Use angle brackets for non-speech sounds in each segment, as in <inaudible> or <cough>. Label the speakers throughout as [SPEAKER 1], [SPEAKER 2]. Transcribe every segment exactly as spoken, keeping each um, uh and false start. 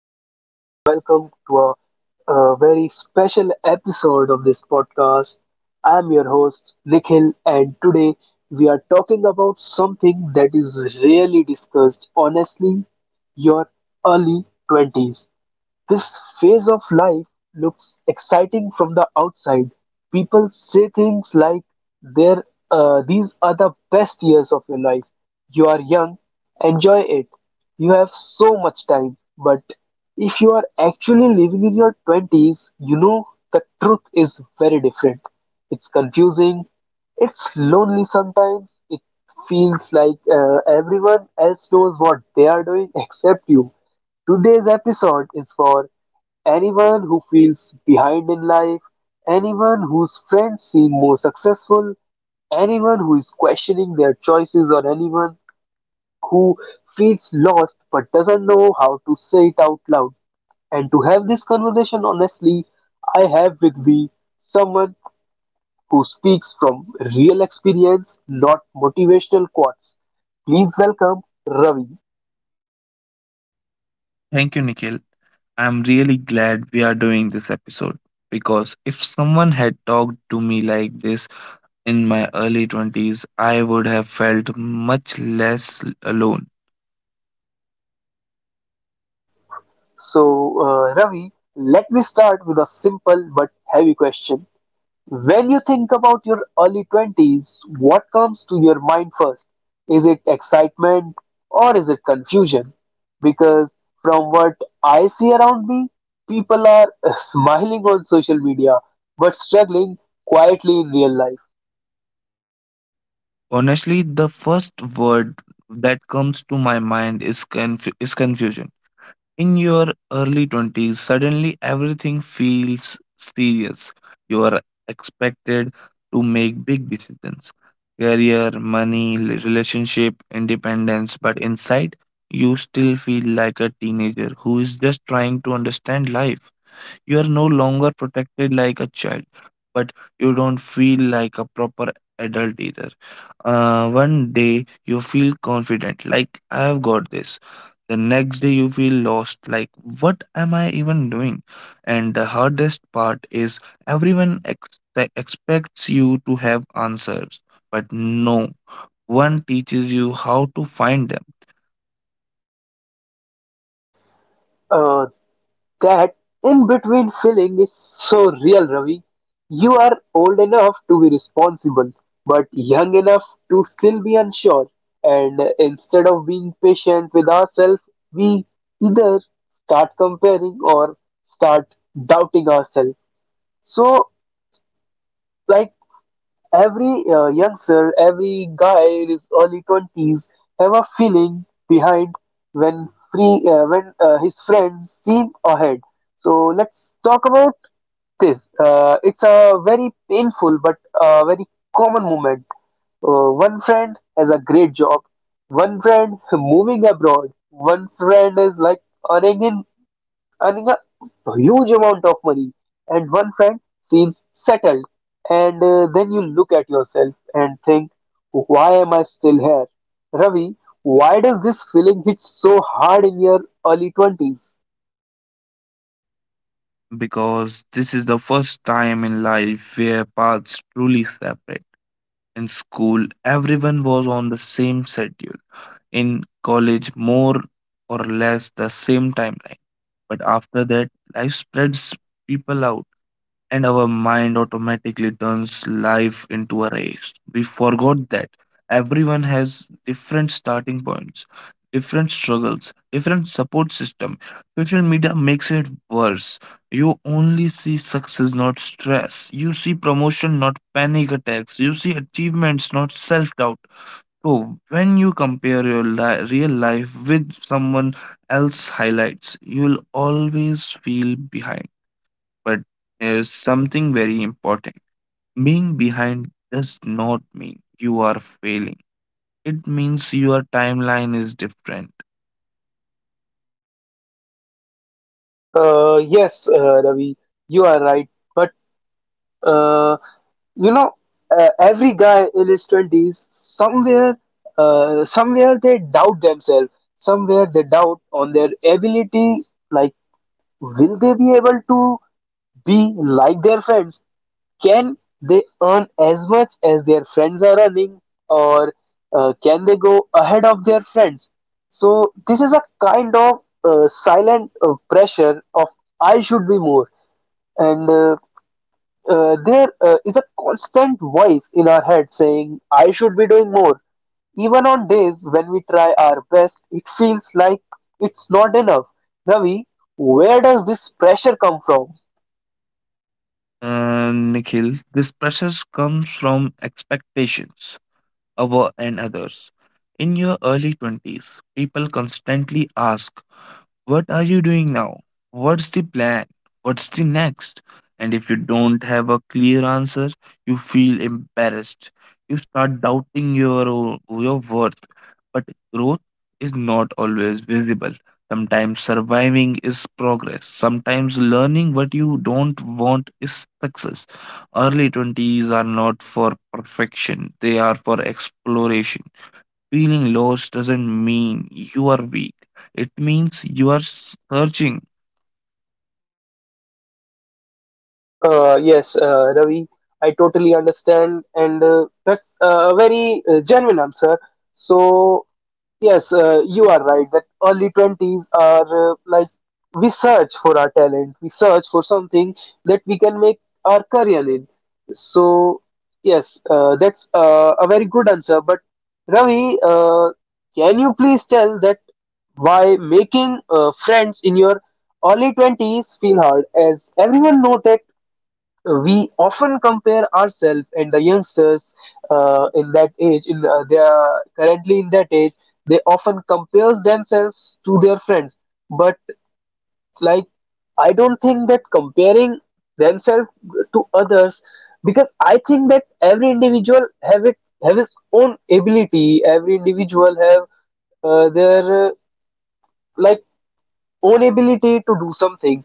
[SPEAKER 1] and uh, welcome to a, a very special episode of this podcast. I'm your host, Nikhil, and today we are talking about something that is rarely discussed, honestly, your early twenties. This phase of life looks exciting from the outside. People say things like, "There, uh, these are the best years of your life. You are young, enjoy it. You have so much time." But if you are actually living in your twenties, you know the truth is very different. It's confusing, it's lonely sometimes, it feels like uh, everyone else knows what they are doing <laughs> except you. Today's episode is for anyone who feels behind in life, anyone whose friends seem more successful, anyone who is questioning their choices, or anyone who feels lost but doesn't know how to say it out loud. And to have this conversation honestly, I have with me someone who speaks from real experience, not motivational quotes. Please welcome Ravi.
[SPEAKER 2] Thank you, Nikhil. I'm really glad we are doing this episode because if someone had talked to me like this in my early twenties, I would have felt much less alone.
[SPEAKER 1] So, uh, Ravi, let me start with a simple but heavy question. When you think about your early twenties, what comes to your mind first? Is it excitement or is it confusion? Because from what I see around me, people are <laughs> smiling on social media but struggling quietly in real life.
[SPEAKER 2] Honestly, the first word that comes to my mind is conf- is confusion. In your early twenties, suddenly everything feels serious. You are expected to make big decisions career, money, li- relationship, independence, but inside, you still feel like a teenager who is just trying to understand life. You are no longer protected like a child, but you don't feel like a proper adult either. Uh, one day you feel confident, like I have got this. The next day you feel lost, like what am I even doing? And the hardest part is everyone ex- expects you to have answers, but no one teaches you how to find them
[SPEAKER 1] Uh, That in between feeling is so real, Ravi. You are old enough to be responsible, but young enough to still be unsure. And uh, instead of being patient with ourselves, we either start comparing or start doubting ourselves. So, like every uh, youngster, every guy in his early twenties have a feeling behind when free uh, when uh, his friends seem ahead. So let's talk about this. Uh, it's a very painful but uh, very common moment. Uh, one friend has a great job, one friend moving abroad, one friend is like earning in earning a huge amount of money, and one friend seems settled. And uh, then you look at yourself and think, why am I still here? Ravi, why does this feeling hit so hard in your early twenties?
[SPEAKER 2] because this is the first time in life where paths truly separate. In school, everyone was on the same schedule. In college, more or less the same timeline. But after that, life spreads people out and our mind automatically turns life into a race. We forgot that everyone has different starting points, different struggles, different support system. Social media makes it worse. You only see success, not stress. You see promotion, not panic attacks. You see achievements, not self doubt. So, when you compare your li- real life with someone else's highlights, you will always feel behind but is something very important. Being behind does not mean you are failing. It means your timeline is different.
[SPEAKER 1] Uh, yes, uh, Ravi, you are right. But uh, you know uh, every guy in his twenties somewhere uh, somewhere they doubt themselves, somewhere they doubt on their ability, like will they be able to be like their friends, can they earn as much as their friends are earning, or uh, can they go ahead of their friends. So this is a kind of uh, silent uh, pressure of I should be more, and uh, uh, there uh, is a constant voice in our head saying, I should be doing more. Even on days when we try our best, it feels like it's not enough. Ravi, where does this pressure come from?
[SPEAKER 2] And Nikhil, this pressure comes from expectations of o- and others. In your early twenties, people constantly ask what are you doing now? What's the plan? What's the next? And if you don't have a clear answer, you feel embarrassed. You start doubting your o- your worth. But growth is not always visible. Sometimes surviving is progress. Sometimes learning what you don't want is success. Early twenties are not for perfection, they are for exploration. Feeling lost doesn't mean you are weak, it means you are searching.
[SPEAKER 1] Uh, yes, uh, Ravi, I totally understand, and uh, that's a very uh, genuine answer. So, yes, uh, you are right that early twenties are uh, like we search for our talent, we search for something that we can make our career in. So, yes, uh, that's uh, a very good answer. But Ravi, uh, can you please tell that why making uh, friends in your early twenties feel hard? As everyone know that we often compare ourselves, and the youngsters uh, in that age, in uh, they are currently in that age, they often compare themselves to their friends, but like I don't think that comparing themselves to others, because I think that every individual have it have his own ability, every individual have uh, their uh, like own ability to do something.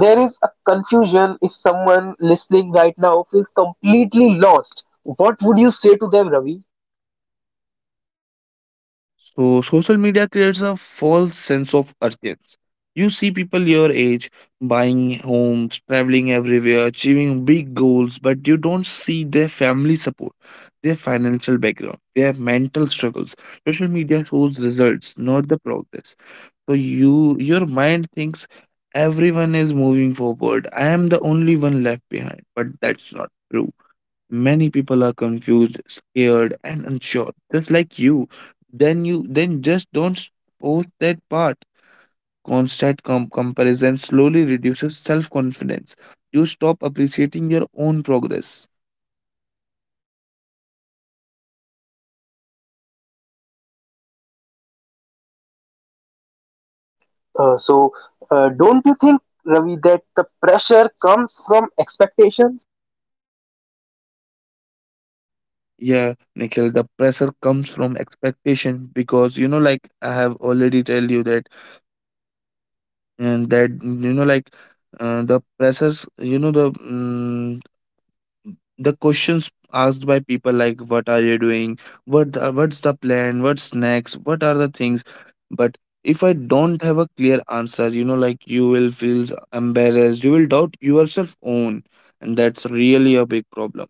[SPEAKER 1] There is a confusion. If someone listening right now feels completely lost, what would you say to them, Ravi?
[SPEAKER 2] So, social media creates a false sense of urgency. You see people your age buying homes, traveling everywhere, achieving big goals, but you don't see their family support, their financial background, their mental struggles. Social media shows results, not the progress. So you your mind thinks everyone is moving forward. I am the only one left behind, but that's not true. Many people are confused, scared, and unsure, just like you. Then you then just don't post that part. Constant com- comparison slowly reduces self-confidence. You stop appreciating your own progress.
[SPEAKER 1] Uh, so, uh, don't you think, Ravi, that the pressure comes from expectations?
[SPEAKER 2] Yeah, Nikhil, the pressure comes from expectation because you know, like I have already tell you that, and that you know, like uh, the pressures, you know, the mm, the questions asked by people like what are you doing what the- what's the plan, what's next, what are the things, but if I don't have a clear answer, you know like you will feel embarrassed, you will doubt yourself own, and that's really a big problem.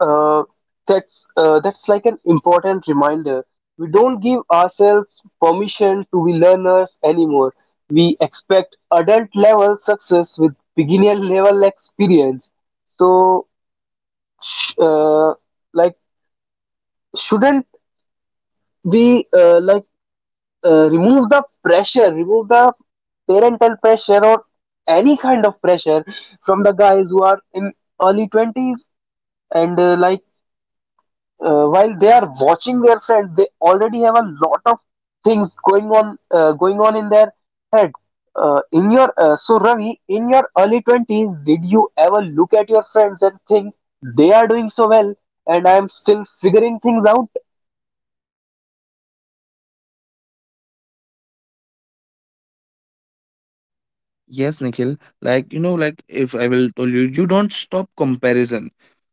[SPEAKER 1] Uh, that's uh, that's like an important reminder. We don't give ourselves permission to be learners anymore. We expect adult level success with beginner level experience. So, sh- uh, like shouldn't we uh, like uh, remove the pressure, remove the parental pressure or any kind of pressure from the guys who are in early twenties, and uh, like uh, while they are watching their friends, they already have a lot of things going on, uh, going on in their head, uh, in your uh, so Ravi, in your early twenties, did you ever look at your friends and think they are doing so well and I am still figuring things out?
[SPEAKER 2] Yes, Nikhil. Like, you know, like if I will tell you, you don't stop comparison.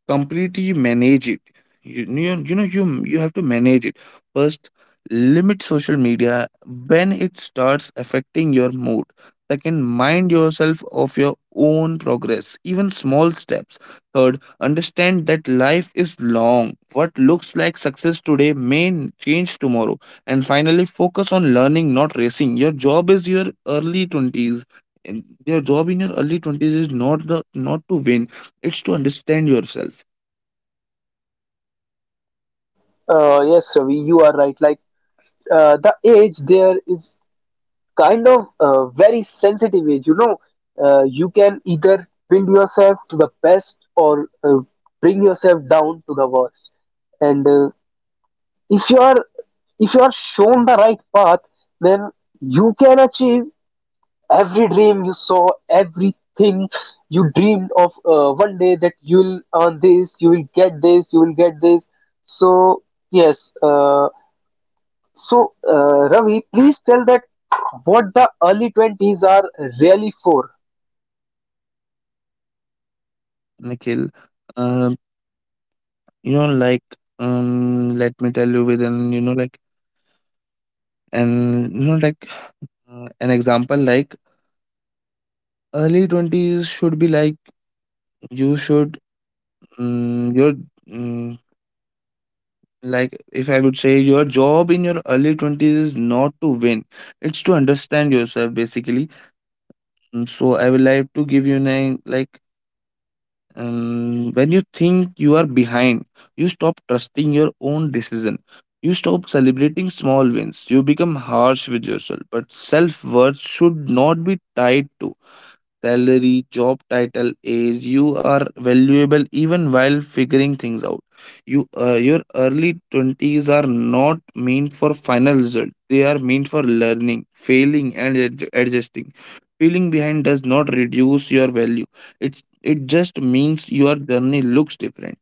[SPEAKER 2] Completely manage it. You, you, you know, you you have to manage it. First, limit social media when it starts affecting your mood. Second, mind yourself of your own progress, even small steps. Third, understand that life is long. What looks like success today may n- change tomorrow. And finally, focus on learning, not racing. Your job is your early twenties and your job in your early twenties is not the not to win, it's to understand yourself.
[SPEAKER 1] Uh, yes Ravi, you are right, like uh, the age there is kind of uh, very sensitive age. You know, uh, you can either build yourself to the best, or uh, bring yourself down to the worst. And uh, if you are, if you are shown the right path, then you can achieve every dream you saw, everything you dreamed of, uh, one day that you will earn this, you will get this, you will get this. So yes uh. So, uh, Ravi, please tell that what the early twenties are really for.
[SPEAKER 2] Nikhil, um you know like um let me tell you with an you know like and you know like uh, an example. Like early twenties should be like you should um, your um, like if I would say your job in your early twenties is not to win, it's to understand yourself basically. Mm, so I would like to give you an like um, When you think you are behind, you stop trusting your own decision, you stop celebrating small wins, you become harsh with yourself, but self-worth should not be tied to salary, job title, age. You are valuable even while figuring things out. You, uh, your early twenties are not meant for final result. They are meant for learning, failing, and adj- adjusting. Feeling behind does not reduce your value. It it just means your journey looks different.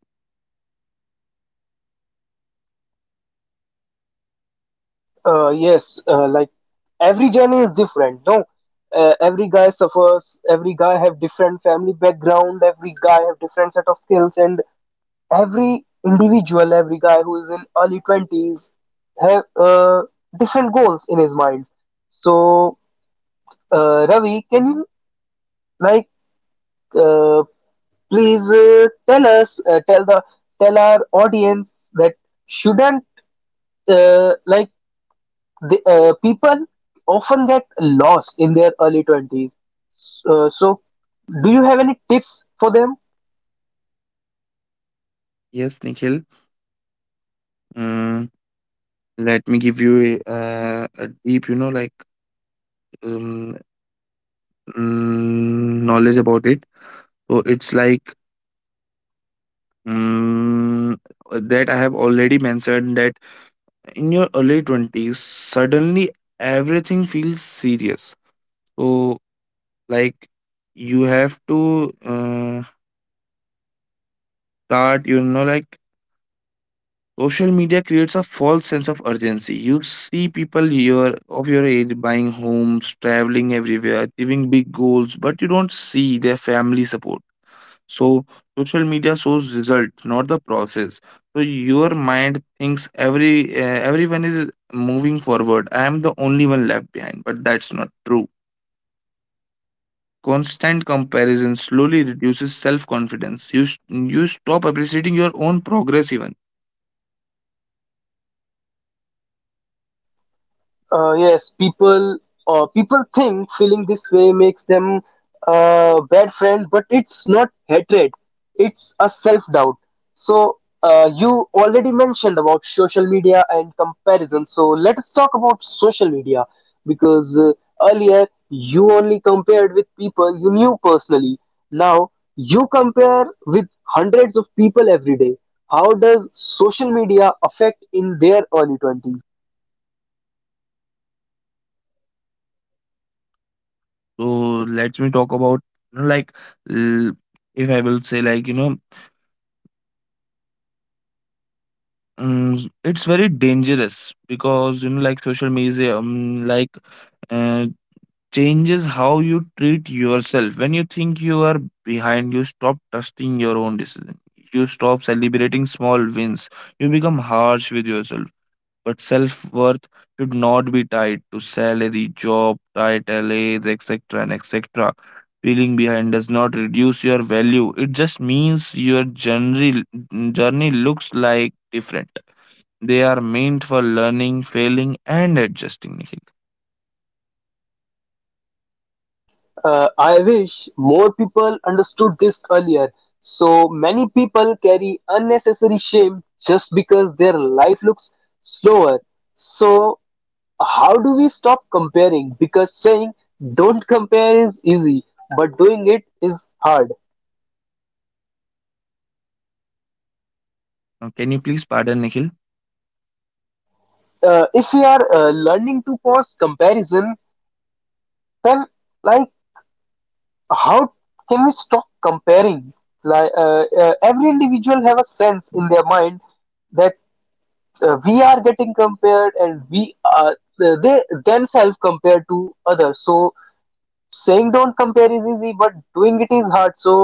[SPEAKER 1] Uh, yes, uh, like every journey is different. No, uh, every guy suffers. Every guy have different family background. Every guy have different set of skills, and every individual, every guy who is in early twenties have uh, different goals in his mind. So, uh, Ravi, can you like? uh, Please uh, tell us, uh, tell the tell our audience that shouldn't uh, like the uh, people often get lost in their early twenties, uh, so do you have any tips for them?
[SPEAKER 2] Yes, Nikhil. Mm, Let me give you a, uh, a deep, you know, like um, mm, knowledge about it. So it's like Mm, that I have already mentioned that in your early twenties, suddenly everything feels serious. So, like, you have to uh, start, you know, like, social media creates a false sense of urgency. You see people your of your age buying homes, traveling everywhere, achieving big goals, but you don't see their family support. So social media shows result, not the process. So your mind thinks every uh, everyone is moving forward. I am the only one left behind, but that's not true. Constant comparison slowly reduces self confidence. You s- you stop appreciating your own progress even.
[SPEAKER 1] Uh, yes, people uh, people think feeling this way makes them a bad friend, but it's not hatred. It's a self-doubt. So uh, you already mentioned about social media and comparison. So let us talk about social media, because uh, earlier you only compared with people you knew personally. Now you compare with hundreds of people every day. How does social media affect in their early twenties?
[SPEAKER 2] So let me talk about like l- if I will say like you know. mm, it's very dangerous because you know like social media um, like eh, changes how you treat yourself. When you think you are behind, you stop trusting your own decision. You stop celebrating small wins. You become harsh with yourself. But self worth should not be tied to salary, job, title, age, et cetera and et cetera. Feeling behind does not reduce your value. It just means your journey journey looks like different. They are meant for learning, failing, and adjusting. Nikhil,
[SPEAKER 1] Uh, I wish more people understood this earlier. So many people carry unnecessary shame just because their life looks slower. So, how do we stop comparing? Because saying don't compare is easy, but doing it is hard.
[SPEAKER 2] now, can you please pardon Nikhil?
[SPEAKER 1] Uh, if we are uh, learning to pause comparison, then like how can we stop comparing? Like uh, uh, every individual have a sense in their mind that. uh, we are getting compared, and we are they themselves compared to others. So saying don't compare is easy, but doing it is hard. So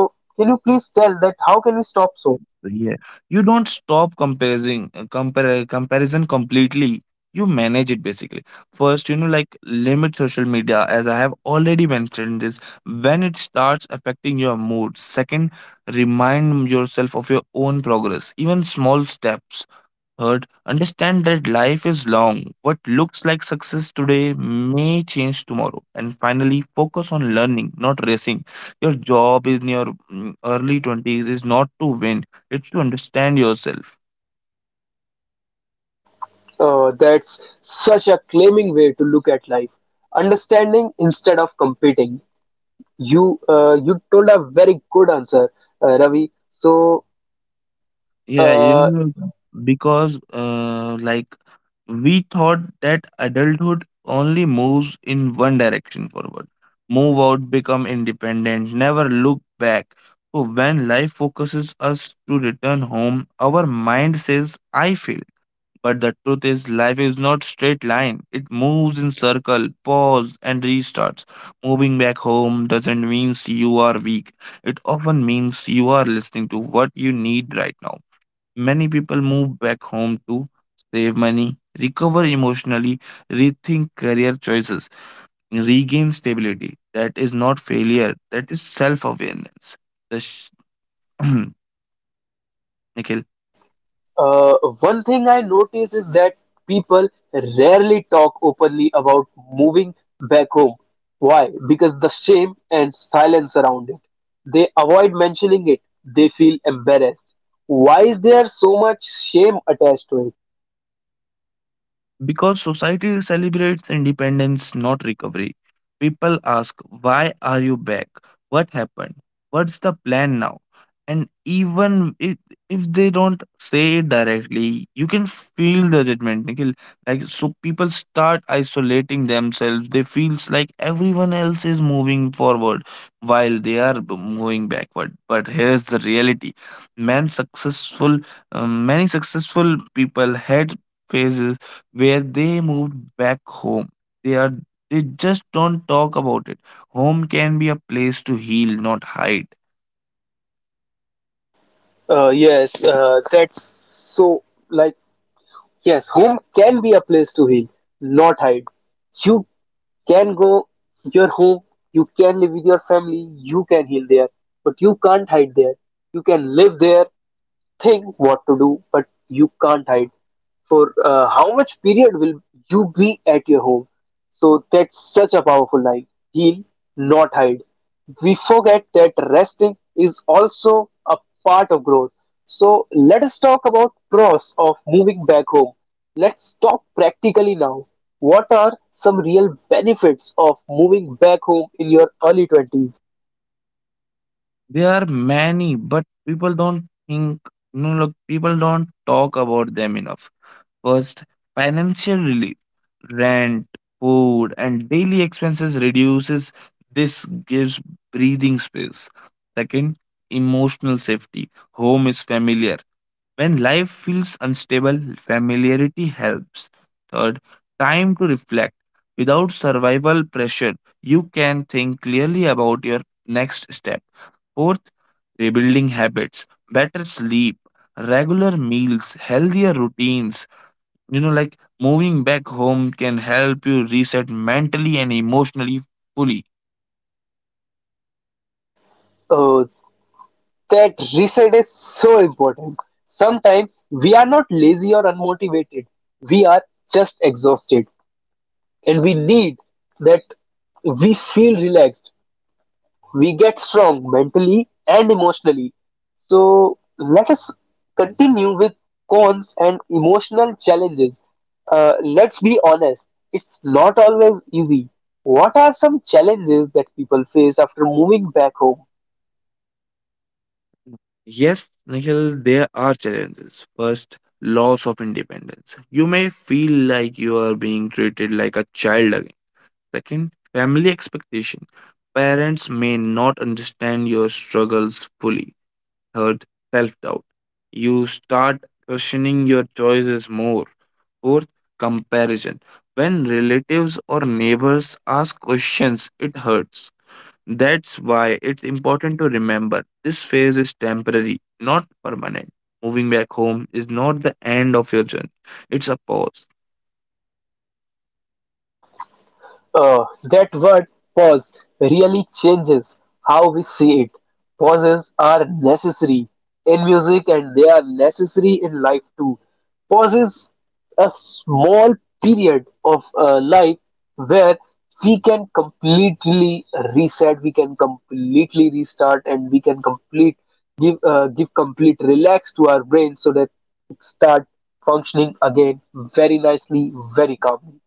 [SPEAKER 1] can you please tell that how can we stop, so?
[SPEAKER 2] It's- Yeah. You don't stop comparing uh, compare comparison completely. You manage it basically. First, you know, like limit social media, as I have already mentioned this, when it starts affecting your mood. Second, remind yourself of your own progress, even small steps. Third, understand that life is long. What looks like success today may change tomorrow. And finally, focus on learning, not racing. Your job in your mm, early twenties is not to win, it's to understand yourself.
[SPEAKER 1] Uh, that's such a claiming way to look at life. Understanding instead of competing. You uh, you told a very good answer, uh, Ravi. So.
[SPEAKER 2] Yeah, you
[SPEAKER 1] Uh,
[SPEAKER 2] know, because uh, like we thought that adulthood only moves in one direction forward. Move out, become independent, never look back. So when life focuses us to return home, our mind says, I feel. But the truth is, life is not straight line. It moves in circle, pause, and restarts. Moving back home doesn't mean you are weak. It often means you are listening to what you need right now. Many people move back home to save money, recover emotionally, rethink career choices, regain stability. That is not failure, that is self awareness. The sh- <clears throat> Nikhil,
[SPEAKER 1] Uh, One thing I notice is that people rarely talk openly about moving back home. Why? Because the shame and silence around it. They avoid mentioning it. They feel embarrassed. Why is there so much shame attached to it?
[SPEAKER 2] because society celebrates independence, not recovery. People ask, why are you back? What happened? What's the plan now? And even if, if they don't say it directly, you can feel the judgment, Nikhil. Like, so people start isolating themselves. They feels like everyone else is moving forward while they are b- moving backward. But here's the reality. Man successful, um, Many successful people had phases where they moved back home. They are they just don't talk about it. Home can be a place to heal, not hide.
[SPEAKER 1] Uh, yes, uh, that's so like yes, home can be a place to heal, not hide. You can go your home, you can live with your family, you can heal there, but you can't hide there. You can live there, think what to do, but you can't hide. For uh, how much period will you be at your home? So that's such a powerful line. Heal, not hide. We forget that resting is also a part of growth. So let us talk about pros of moving back home. Let's talk practically now. What are some real benefits of moving back home in your early twenties?
[SPEAKER 2] There are many, but people don't think you know, look, people don't talk about them enough. First, financial relief. Rent, food, and daily expenses reduces. This gives breathing space. Second, emotional safety. Home is familiar. When life feels unstable, familiarity helps. Third, time to reflect. Without survival pressure, you can think clearly about your next step. Fourth, rebuilding habits, better sleep, regular meals, healthier routines, you know like moving back home can help you reset mentally and emotionally fully.
[SPEAKER 1] Uh, that reset is so important. Sometimes we are not lazy or unmotivated, we are just exhausted, and we need that. We feel relaxed, we get strong mentally and emotionally. So let us continue with cons and emotional challenges. Uh, let's be honest, it's not always easy. What are some challenges that people face after moving back home?
[SPEAKER 2] Yes, Nikhil, there are challenges. First, loss of independence, you may feel like you are being treated like a child again. Second, family expectation, parents may not understand your struggles fully. third, self doubt. You start questioning your choices more. Fourth, comparison. When relatives or neighbors ask questions, it hurts. That's why it's important to remember this phase is temporary, not permanent. Moving back home is not the end of your journey, it's a pause.
[SPEAKER 1] Uh, that word pause really changes how we see it. Pauses are necessary in music and they are necessary in life too. Pauses a small period of uh, life where we can completely reset, we can completely restart, and we can complete give uh, give complete relax to our brain so that it start functioning again very nicely, very calmly.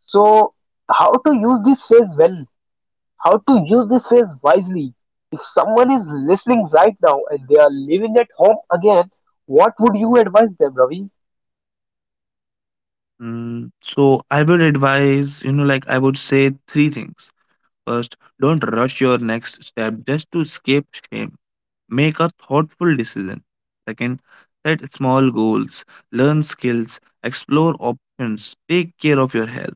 [SPEAKER 1] So, how to use this phase well? How to use this phase wisely? If someone is listening right now and they are living at home again, what would you advise them, Ravi?
[SPEAKER 2] Mm, so, I would advise, you know, like I would say three things. First, don't rush your next step just to escape shame. Make a thoughtful decision. Second, set small goals, learn skills, explore options, take care of your health.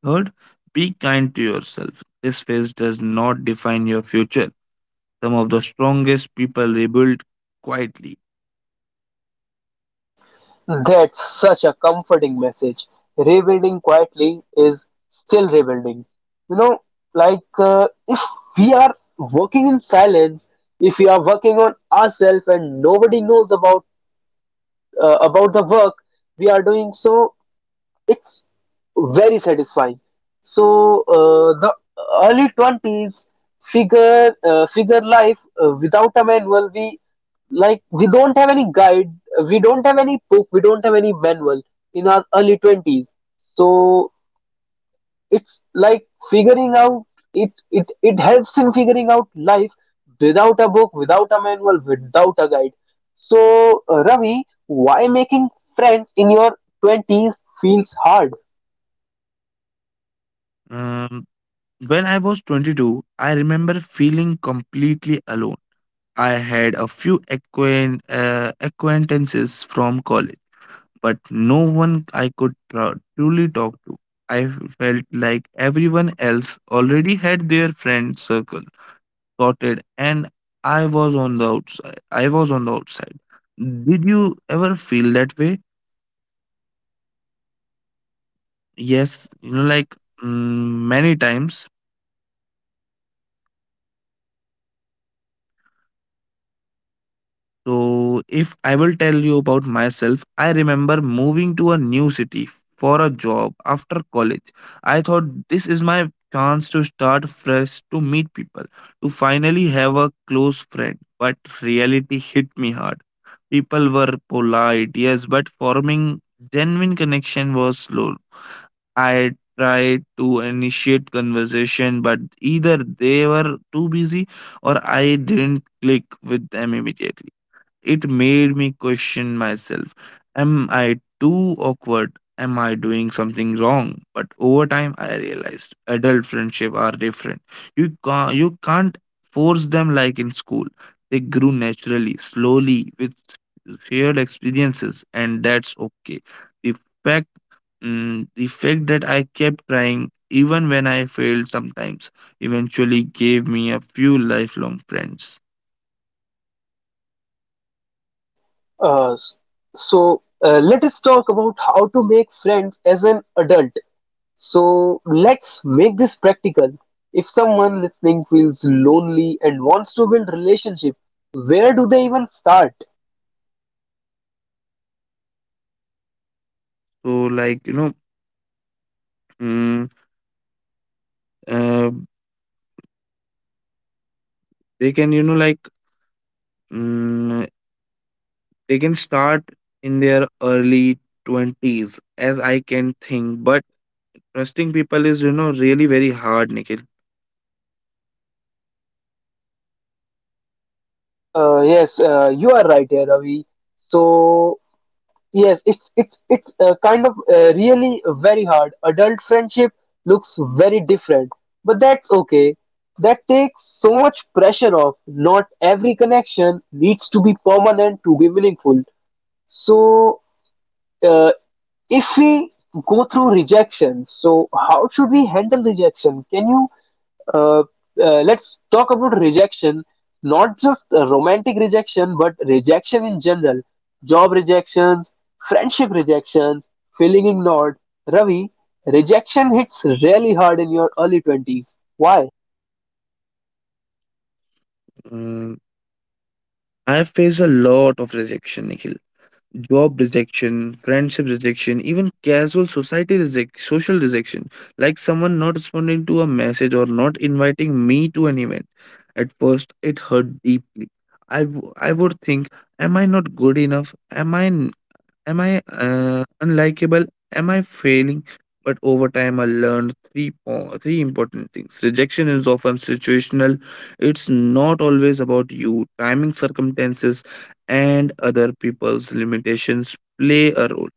[SPEAKER 2] Third, be kind to yourself. This phase does not define your future. Some of the strongest people rebuild quietly.
[SPEAKER 1] That's such a comforting message. Rebuilding quietly is still rebuilding. You know, like uh, if we are working in silence, if we are working on ourselves and nobody knows about uh, about the work we are doing, so it's very satisfying. So uh, the early twenties figure uh, figure life uh, without a manual. We like we don't have any guide, we don't have any book, we don't have any manual in our early twenties. So it's like figuring out, it it it helps in figuring out life without a book, without a manual, without a guide. So uh, Ravi, why making friends in your twenties feels hard?
[SPEAKER 2] Um, when I was twenty-two, I remember feeling completely alone. I had a few acquaint, uh, acquaintances from college but no one I could tru- truly talk to. I felt like everyone else already had their friend circle sorted and I was on the outside. I was on the outside. Did you ever feel that way? Yes, you know, like mm, many times. So, if I will tell you about myself, I remember moving to a new city for a job after college. I thought this is my chance to start fresh, to meet people, to finally have a close friend. But reality hit me hard. People were polite, yes, but forming genuine connection was slow. I tried to initiate conversation, but either they were too busy or I didn't click with them immediately. It made me question myself. Am I too awkward? Am I doing something wrong? But over time, I realized adult friendship are different. You can't, you can't force them like in school. They grew naturally, slowly, with shared experiences, and that's okay. The fact Mm, the fact that I kept trying even when I failed sometimes eventually gave me a few lifelong friends.
[SPEAKER 1] Uh, so uh, let us talk about how to make friends as an adult. So let's make this practical. If someone listening feels lonely and wants to build relationship, where do they even start?
[SPEAKER 2] So, like, you know, mm, uh, they can you know like mm, they can start in their early twenties as I can think, but trusting people is you know really very hard, Nikhil.
[SPEAKER 1] Uh, yes, uh, you are right here, Ravi. So yes, it's it's it's uh, kind of uh, really very hard. Adult friendship looks very different, but that's okay. That takes so much pressure off. Not every connection needs to be permanent to be meaningful. So, uh, if we go through rejection, so how should we handle rejection? Can you uh, uh, let's talk about rejection, not just uh, romantic rejection, but rejection in general. Job rejections, friendship rejections, feeling ignored. Ravi, rejection hits really hard in your early twenties. Why?
[SPEAKER 2] mm, I have faced a lot of rejection, Nikhil. Job rejection, friendship rejection, even casual society reject social rejection like someone not responding to a message or not inviting me to an event. At first it hurt deeply. i w- I would think, am I not good enough? Am I? Am I uh, unlikable? Am I failing? But over time, I learned three po- three important things. Rejection is often situational. It's not always about you. Timing, circumstances, and other people's limitations play a role.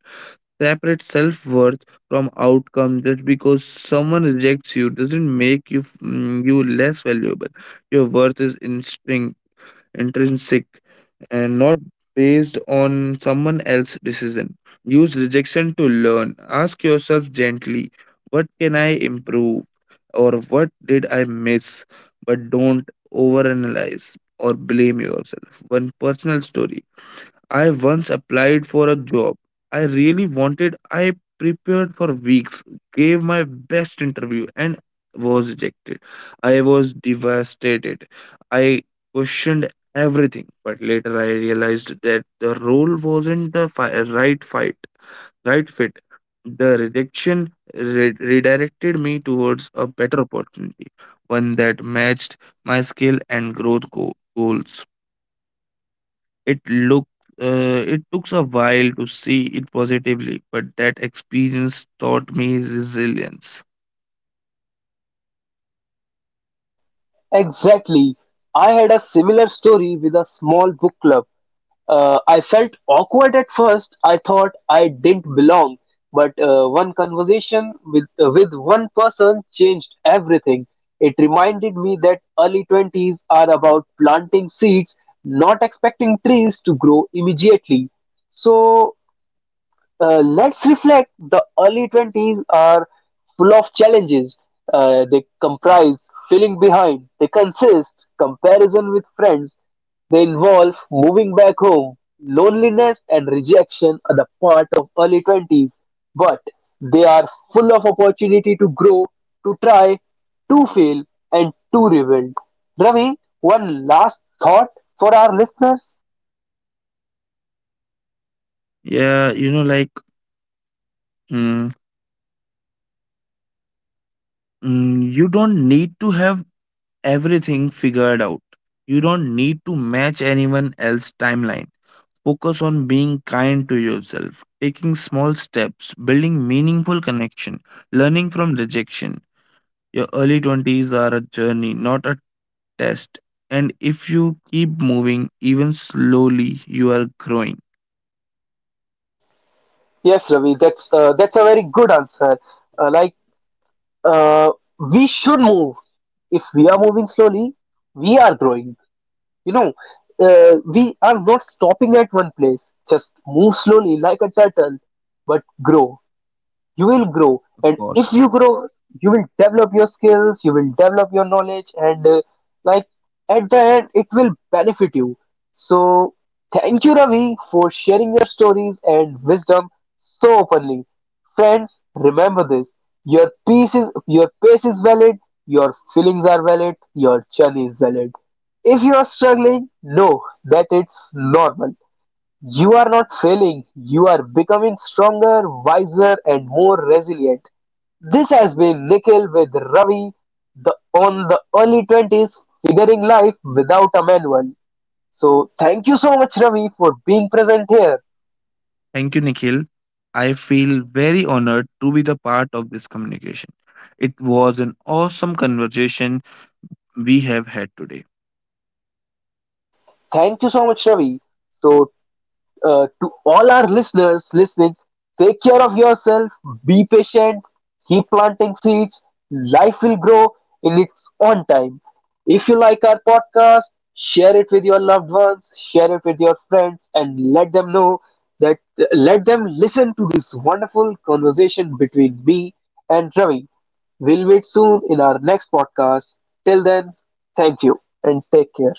[SPEAKER 2] Separate self worth from outcome. Just because someone rejects you doesn't make you f- mm, you less valuable. Your worth is instinct intrinsic and not based on someone else's decision. Use rejection to learn. Ask yourself gently, what can I improve or what did I miss? But don't overanalyze or blame yourself. One personal story. I once applied for a job I really wanted. I prepared for weeks, gave my best interview, and was rejected. I was devastated. I questioned everything, but later I realized that the role wasn't the fi- right fight, right fit. The rejection re- redirected me towards a better opportunity, one that matched my skill and growth go- goals. It look uh, it took a while to see it positively, but that experience taught me resilience.
[SPEAKER 1] Exactly. I had a similar story with a small book club. Uh, I felt awkward at first. I thought I didn't belong, but uh, one conversation with uh, with one person changed everything. It reminded me that early twenties are about planting seeds, not expecting trees to grow immediately. So uh, let's reflect, the early twenties are full of challenges. Uh, they comprise feeling behind, they consist comparison with friends, they involve moving back home. Loneliness and rejection are the part of early twenties, but they are full of opportunity to grow, to try, to fail, and to rebuild. Ravi, one last thought for our listeners.
[SPEAKER 2] Yeah, you know, like mm, mm, you don't need to have everything figured out. You don't need to match anyone else's timeline. Focus on being kind to yourself, taking small steps, building meaningful connection, learning from rejection. Your early twenties are a journey, not a test. And if you keep moving, even slowly, you are growing.
[SPEAKER 1] Yes, Ravi, that's uh, that's a very good answer. Uh, like uh, we should move. If we are moving slowly, we are growing. You know, uh, we are not stopping at one place. Just move slowly like a turtle, but grow. You will grow,
[SPEAKER 2] Of
[SPEAKER 1] and if
[SPEAKER 2] course.
[SPEAKER 1] you grow, you will develop your skills, you will develop your knowledge, and uh, like at the end it will benefit you. So thank you, Ravi, for sharing your stories and wisdom so openly. Friends, remember this, your peace is, your pace is valid, your feelings are valid, your journey is valid. If you are struggling, know that it's normal. You are not failing, you are becoming stronger, wiser, and more resilient. This has been Nikhil with Ravi, the, on the early twenties, figuring life without a manual. So, thank you so much, Ravi, for being present here.
[SPEAKER 2] Thank you, Nikhil. I feel very honored to be the part of this communication. It was an awesome conversation we have had today.
[SPEAKER 1] Thank you so much, Ravi. So, uh, to all our listeners listening, take care of yourself, be patient, keep planting seeds. Life will grow in its own time. If you like our podcast, share it with your loved ones, share it with your friends, and let them know that let them listen to this wonderful conversation between me and Ravi. We'll meet soon in our next podcast. Till then, thank you and take care.